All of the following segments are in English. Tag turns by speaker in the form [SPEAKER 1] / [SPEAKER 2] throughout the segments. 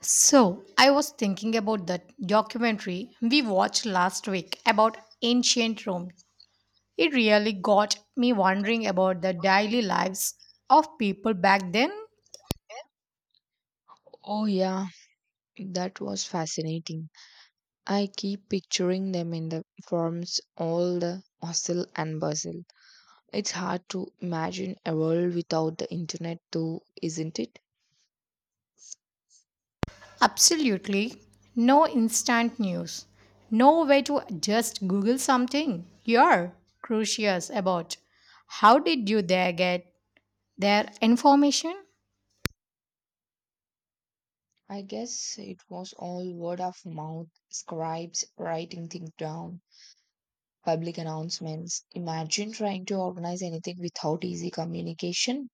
[SPEAKER 1] So, I was thinking about that documentary we watched last week about ancient Rome. It really got me wondering about the daily lives of people back then.
[SPEAKER 2] Oh, yeah, that was fascinating. I keep picturing them in the forms, all the hustle and bustle. It's hard to imagine a world without the internet, though, isn't it?
[SPEAKER 1] Absolutely no instant news, no way to just Google something. You're curious about how did you there get their information?
[SPEAKER 2] I guess it was all word of mouth, scribes writing things down, public announcements. Imagine trying to organize anything without easy communication,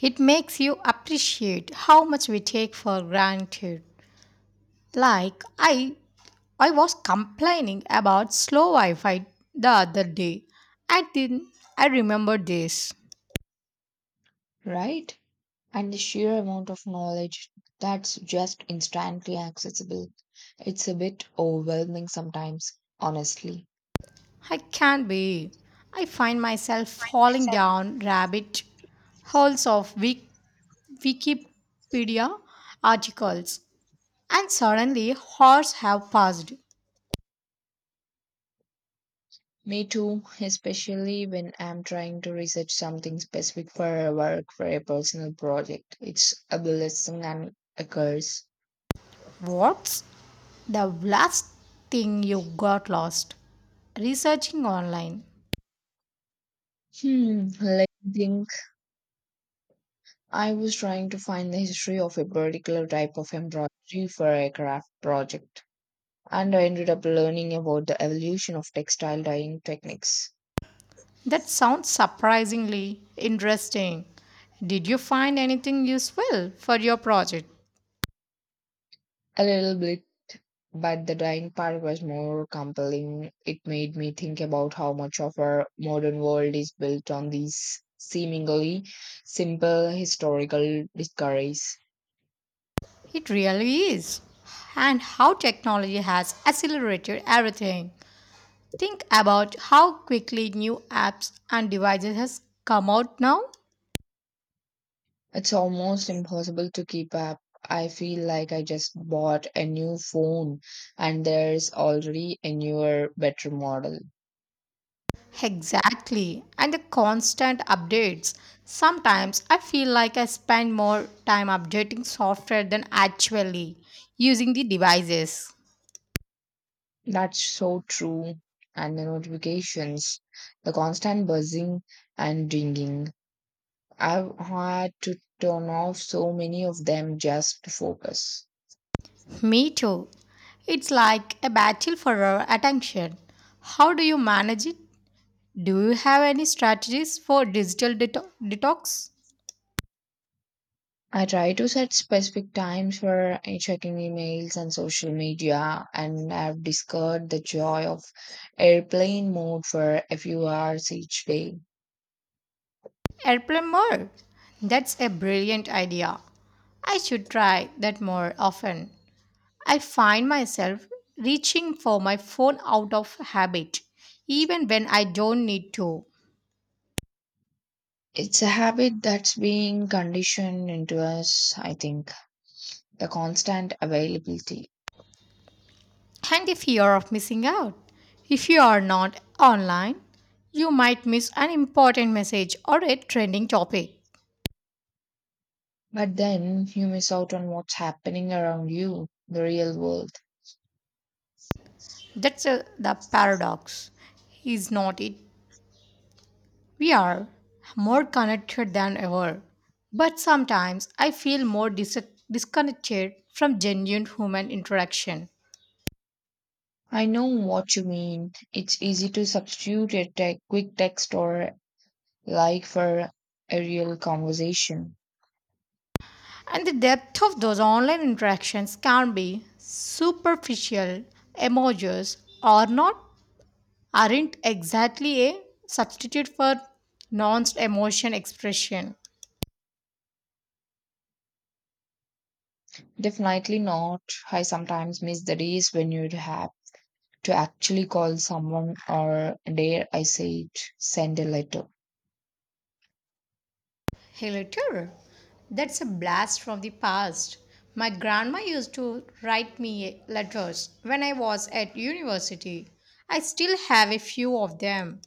[SPEAKER 1] It makes you appreciate how much we take for granted. Like, I was complaining about slow Wi Fi the other day. I didn't, I remember this.
[SPEAKER 2] right? And the sheer amount of knowledge that's just instantly accessible. It's a bit overwhelming sometimes, honestly.
[SPEAKER 1] I can't be. I find myself falling down rabbit holes of Wikipedia articles, and suddenly hours have passed.
[SPEAKER 2] Me too, especially when I'm trying to research something specific for for a personal project. It's a blessing and a curse.
[SPEAKER 1] What's the last thing you got lost? Researching online.
[SPEAKER 2] Let me think. I was trying to find the history of a particular type of embroidery for a craft project, and I ended up learning about the evolution of textile dyeing techniques.
[SPEAKER 1] That sounds surprisingly interesting. Did you find anything useful for your project?
[SPEAKER 2] A little bit. But the dying part was more compelling. It made me think about how much of our modern world is built on these seemingly simple historical discoveries.
[SPEAKER 1] It really is. And how technology has accelerated everything. Think about how quickly new apps and devices has come out now.
[SPEAKER 2] It's almost impossible to keep up. I feel like I just bought a new phone and there's already a newer, better model.
[SPEAKER 1] Exactly. And the constant updates. Sometimes I feel like I spend more time updating software than actually using the devices.
[SPEAKER 2] That's so true. And the notifications, the constant buzzing and dinging. I've had to turn off so many of them just to focus.
[SPEAKER 1] Me too. It's like a battle for our attention. How do you manage it? Do you have any strategies for digital detox?
[SPEAKER 2] I try to set specific times for checking emails and social media, and I've discovered the joy of airplane mode for a few hours each day.
[SPEAKER 1] Airplane mode. That's a brilliant idea. I should try that more often. I find myself reaching for my phone out of habit, even when I don't need to.
[SPEAKER 2] It's a habit that's being conditioned into us, I think, the constant availability.
[SPEAKER 1] And the fear of missing out. If you are not online, you might miss an important message or a trending topic.
[SPEAKER 2] But then you miss out on what's happening around you, the real world.
[SPEAKER 1] That's the paradox. Is not it? We are more connected than ever. But sometimes I feel more disconnected from genuine human interaction.
[SPEAKER 2] I know what you mean. It's easy to substitute quick text or like for a real conversation.
[SPEAKER 1] And the depth of those online interactions can be superficial, emojis, or not aren't exactly a substitute for nuanced emotion expression.
[SPEAKER 2] Definitely not. I sometimes miss the days when you'd have to actually call someone or, dare I say it, send a letter.
[SPEAKER 1] Hey, letter. That's a blast from the past. My grandma used to write me letters when I was at university. I still have a few of them.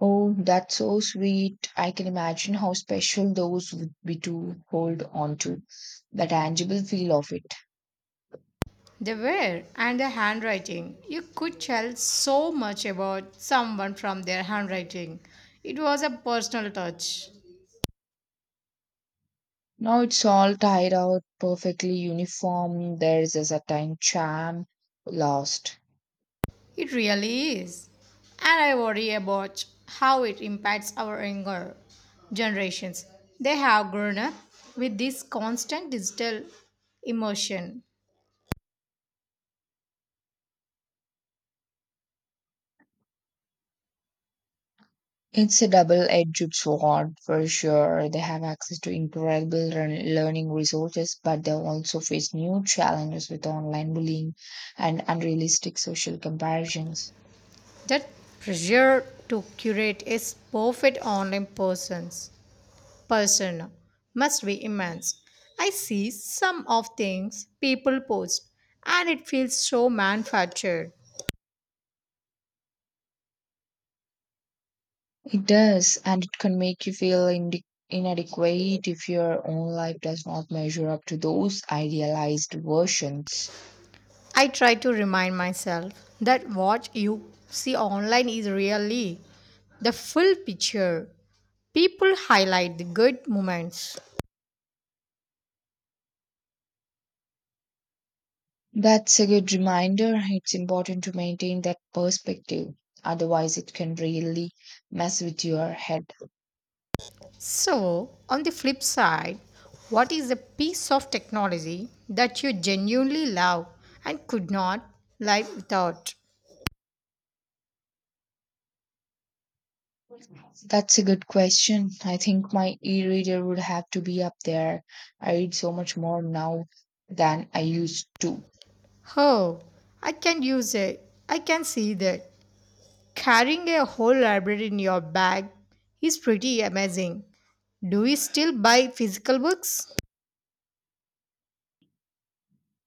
[SPEAKER 2] Oh, that's so sweet. I can imagine how special those would be to hold on to, the tangible feel of it.
[SPEAKER 1] They were, and the handwriting. You could tell so much about someone from their handwriting. It was a personal touch.
[SPEAKER 2] Now it's all tied out perfectly uniform. There's a certain charm lost.
[SPEAKER 1] It really is. And I worry about how it impacts our younger generations. They have grown up with this constant digital immersion.
[SPEAKER 2] It's a double edged sword for sure. They have access to incredible learning resources, but they also face new challenges with online bullying and unrealistic social comparisons.
[SPEAKER 1] That pressure to curate a perfect online person's persona must be immense. I see some of things people post and it feels so manufactured.
[SPEAKER 2] It does, and it can make you feel inadequate if your own life does not measure up to those idealized versions.
[SPEAKER 1] I try to remind myself that what you see online is really the full picture. People highlight the good moments.
[SPEAKER 2] That's a good reminder. It's important to maintain that perspective. Otherwise, it can really mess with your head.
[SPEAKER 1] So, on the flip side, what is the piece of technology that you genuinely love and could not live without?
[SPEAKER 2] That's a good question. I think my e reader would have to be up there. I read so much more now than I used to.
[SPEAKER 1] Oh, I can use it. I can see that. Carrying a whole library in your bag is pretty amazing. Do we still buy physical books?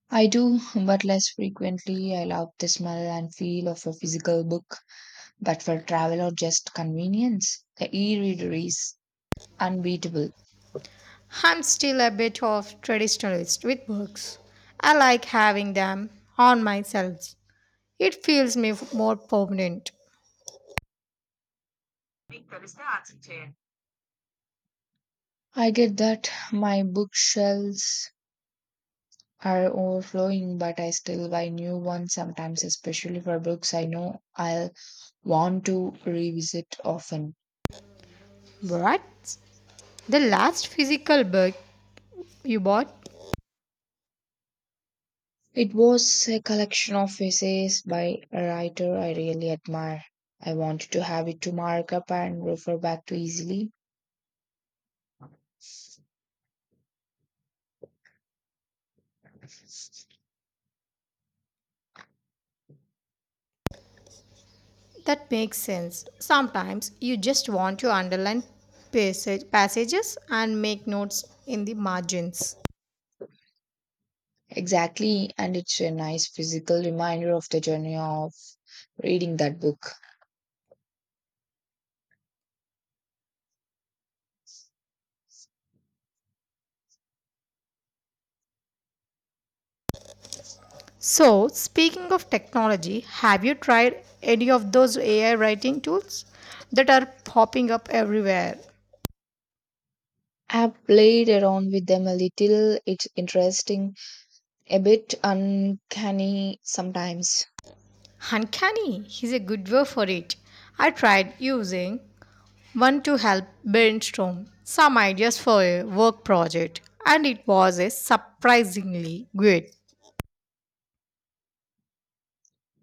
[SPEAKER 2] I do, but less frequently. I love the smell and feel of a physical book, but for travel or just convenience, the e reader is unbeatable.
[SPEAKER 1] I'm still a bit of traditionalist with books. I like having them on myself. It feels me more permanent.
[SPEAKER 2] I get that. My bookshelves are overflowing, but I still buy new ones sometimes, especially for books I know I'll want to revisit often.
[SPEAKER 1] But the last physical book you bought.
[SPEAKER 2] It was a collection of essays by a writer I really admire. I wanted to have it to mark up and refer back to easily.
[SPEAKER 1] That makes sense. Sometimes you just want to underline passages and make notes in the margins.
[SPEAKER 2] Exactly, and it's a nice physical reminder of the journey of reading that book.
[SPEAKER 1] So, speaking of technology, have you tried any of those AI writing tools that are popping up everywhere?
[SPEAKER 2] I've played around with them a little. It's interesting. A bit uncanny sometimes.
[SPEAKER 1] Uncanny is a good word for it. I tried using one to help brainstorm some ideas for a work project, and it was a surprisingly good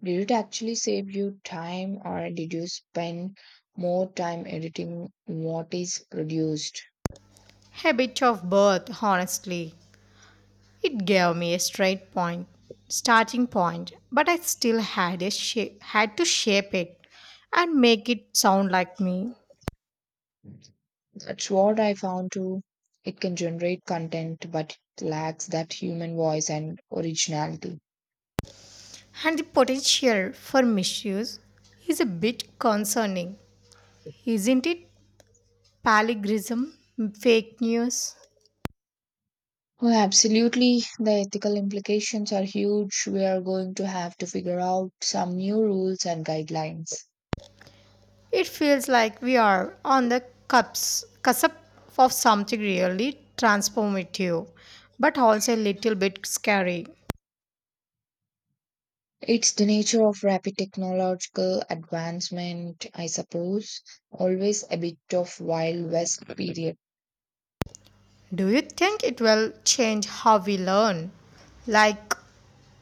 [SPEAKER 2] Did it actually save you time, or did you spend more time editing what is produced?
[SPEAKER 1] habit of birth, honestly. It gave me a starting point, but I still had to shape it and make it sound like me.
[SPEAKER 2] That's what I found too. It can generate content, but it lacks that human voice and originality.
[SPEAKER 1] And the potential for misuse is a bit concerning, isn't it? Palligrism, fake news.
[SPEAKER 2] Oh, absolutely. The ethical implications are huge. We are going to have to figure out some new rules and guidelines.
[SPEAKER 1] It feels like we are on the cusp of something really transformative, but also a little bit scary.
[SPEAKER 2] It's the nature of rapid technological advancement, I suppose. Always a bit of Wild West period.
[SPEAKER 1] Do you think it will change how we learn? Like,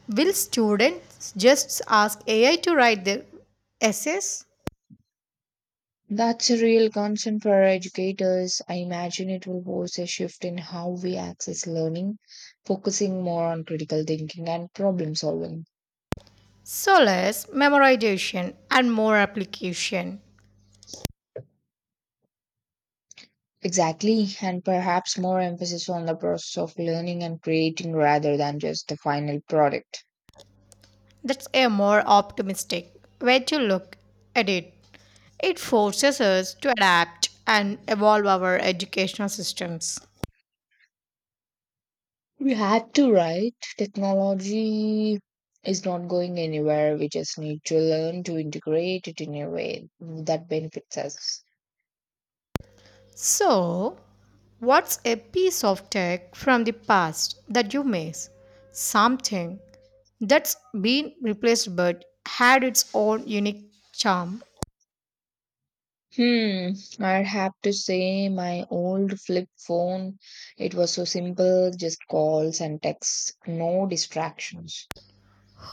[SPEAKER 1] will students just ask AI to write their essays?
[SPEAKER 2] That's a real concern for educators. I imagine it will force a shift in how we access learning, focusing more on critical thinking and problem solving.
[SPEAKER 1] So less memorization and more application.
[SPEAKER 2] Exactly, and perhaps more emphasis on the process of learning and creating rather than just the final product.
[SPEAKER 1] That's a more optimistic way to look at it. It forces us to adapt and evolve our educational systems.
[SPEAKER 2] We had to, right? Technology is not going anywhere. We just need to learn to integrate it in a way that benefits us.
[SPEAKER 1] So, what's a piece of tech from the past that you miss? Something that's been replaced but had its own unique charm.
[SPEAKER 2] Hmm, I have to say my old flip phone, it was so simple, just calls and texts, no distractions,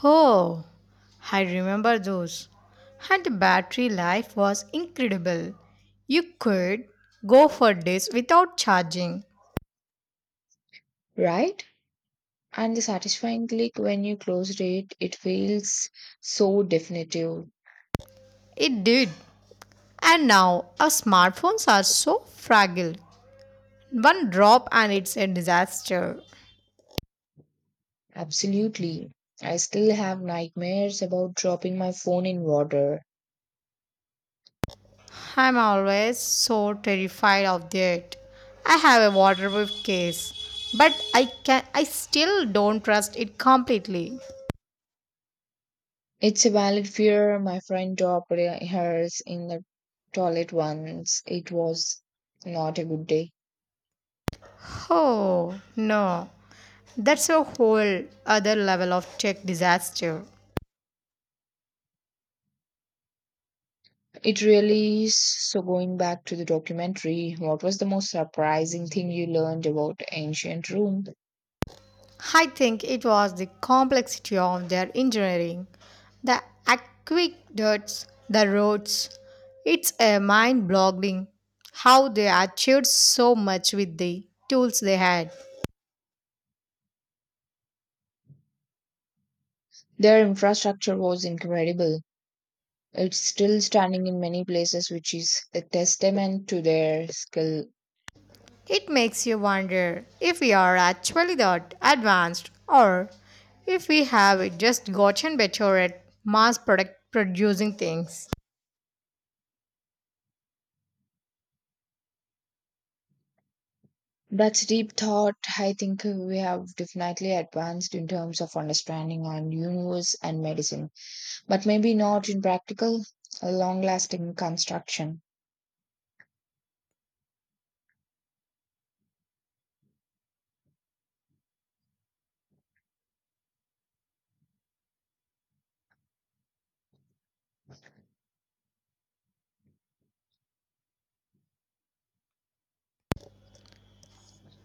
[SPEAKER 1] Oh, I remember those. And the battery life was incredible. You could go for days without charging.
[SPEAKER 2] right? And the satisfying click when you closed it, it feels so definitive.
[SPEAKER 1] It did. And now our smartphones are so fragile. One drop and it's a disaster.
[SPEAKER 2] Absolutely. I still have nightmares about dropping my phone in water.
[SPEAKER 1] I'm always so terrified of that. I have a waterproof case, but I still don't trust it completely.
[SPEAKER 2] It's a valid fear. My friend hers in the toilet once. It was not a good day.
[SPEAKER 1] Oh no. That's a whole other level of tech disaster.
[SPEAKER 2] It really is. So, going back to the documentary, what was the most surprising thing you learned about ancient Rome?
[SPEAKER 1] I think it was the complexity of their engineering, the aqueducts, the roads. It's a mind boggling how they achieved so much with the tools they had.
[SPEAKER 2] Their infrastructure was incredible. It's still standing in many places, which is a testament to their skill.
[SPEAKER 1] It makes you wonder if we are actually that advanced or if we have just gotten better at mass product producing things.
[SPEAKER 2] That's deep thought. I think we have definitely advanced in terms of understanding our universe and medicine, but maybe not in practical, long lasting construction.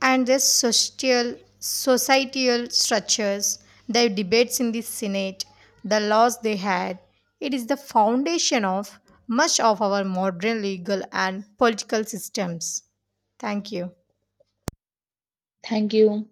[SPEAKER 1] And their societal structures, their debates in the Senate, the laws they had. It is the foundation of much of our modern legal and political systems. Thank you.
[SPEAKER 2] Thank you.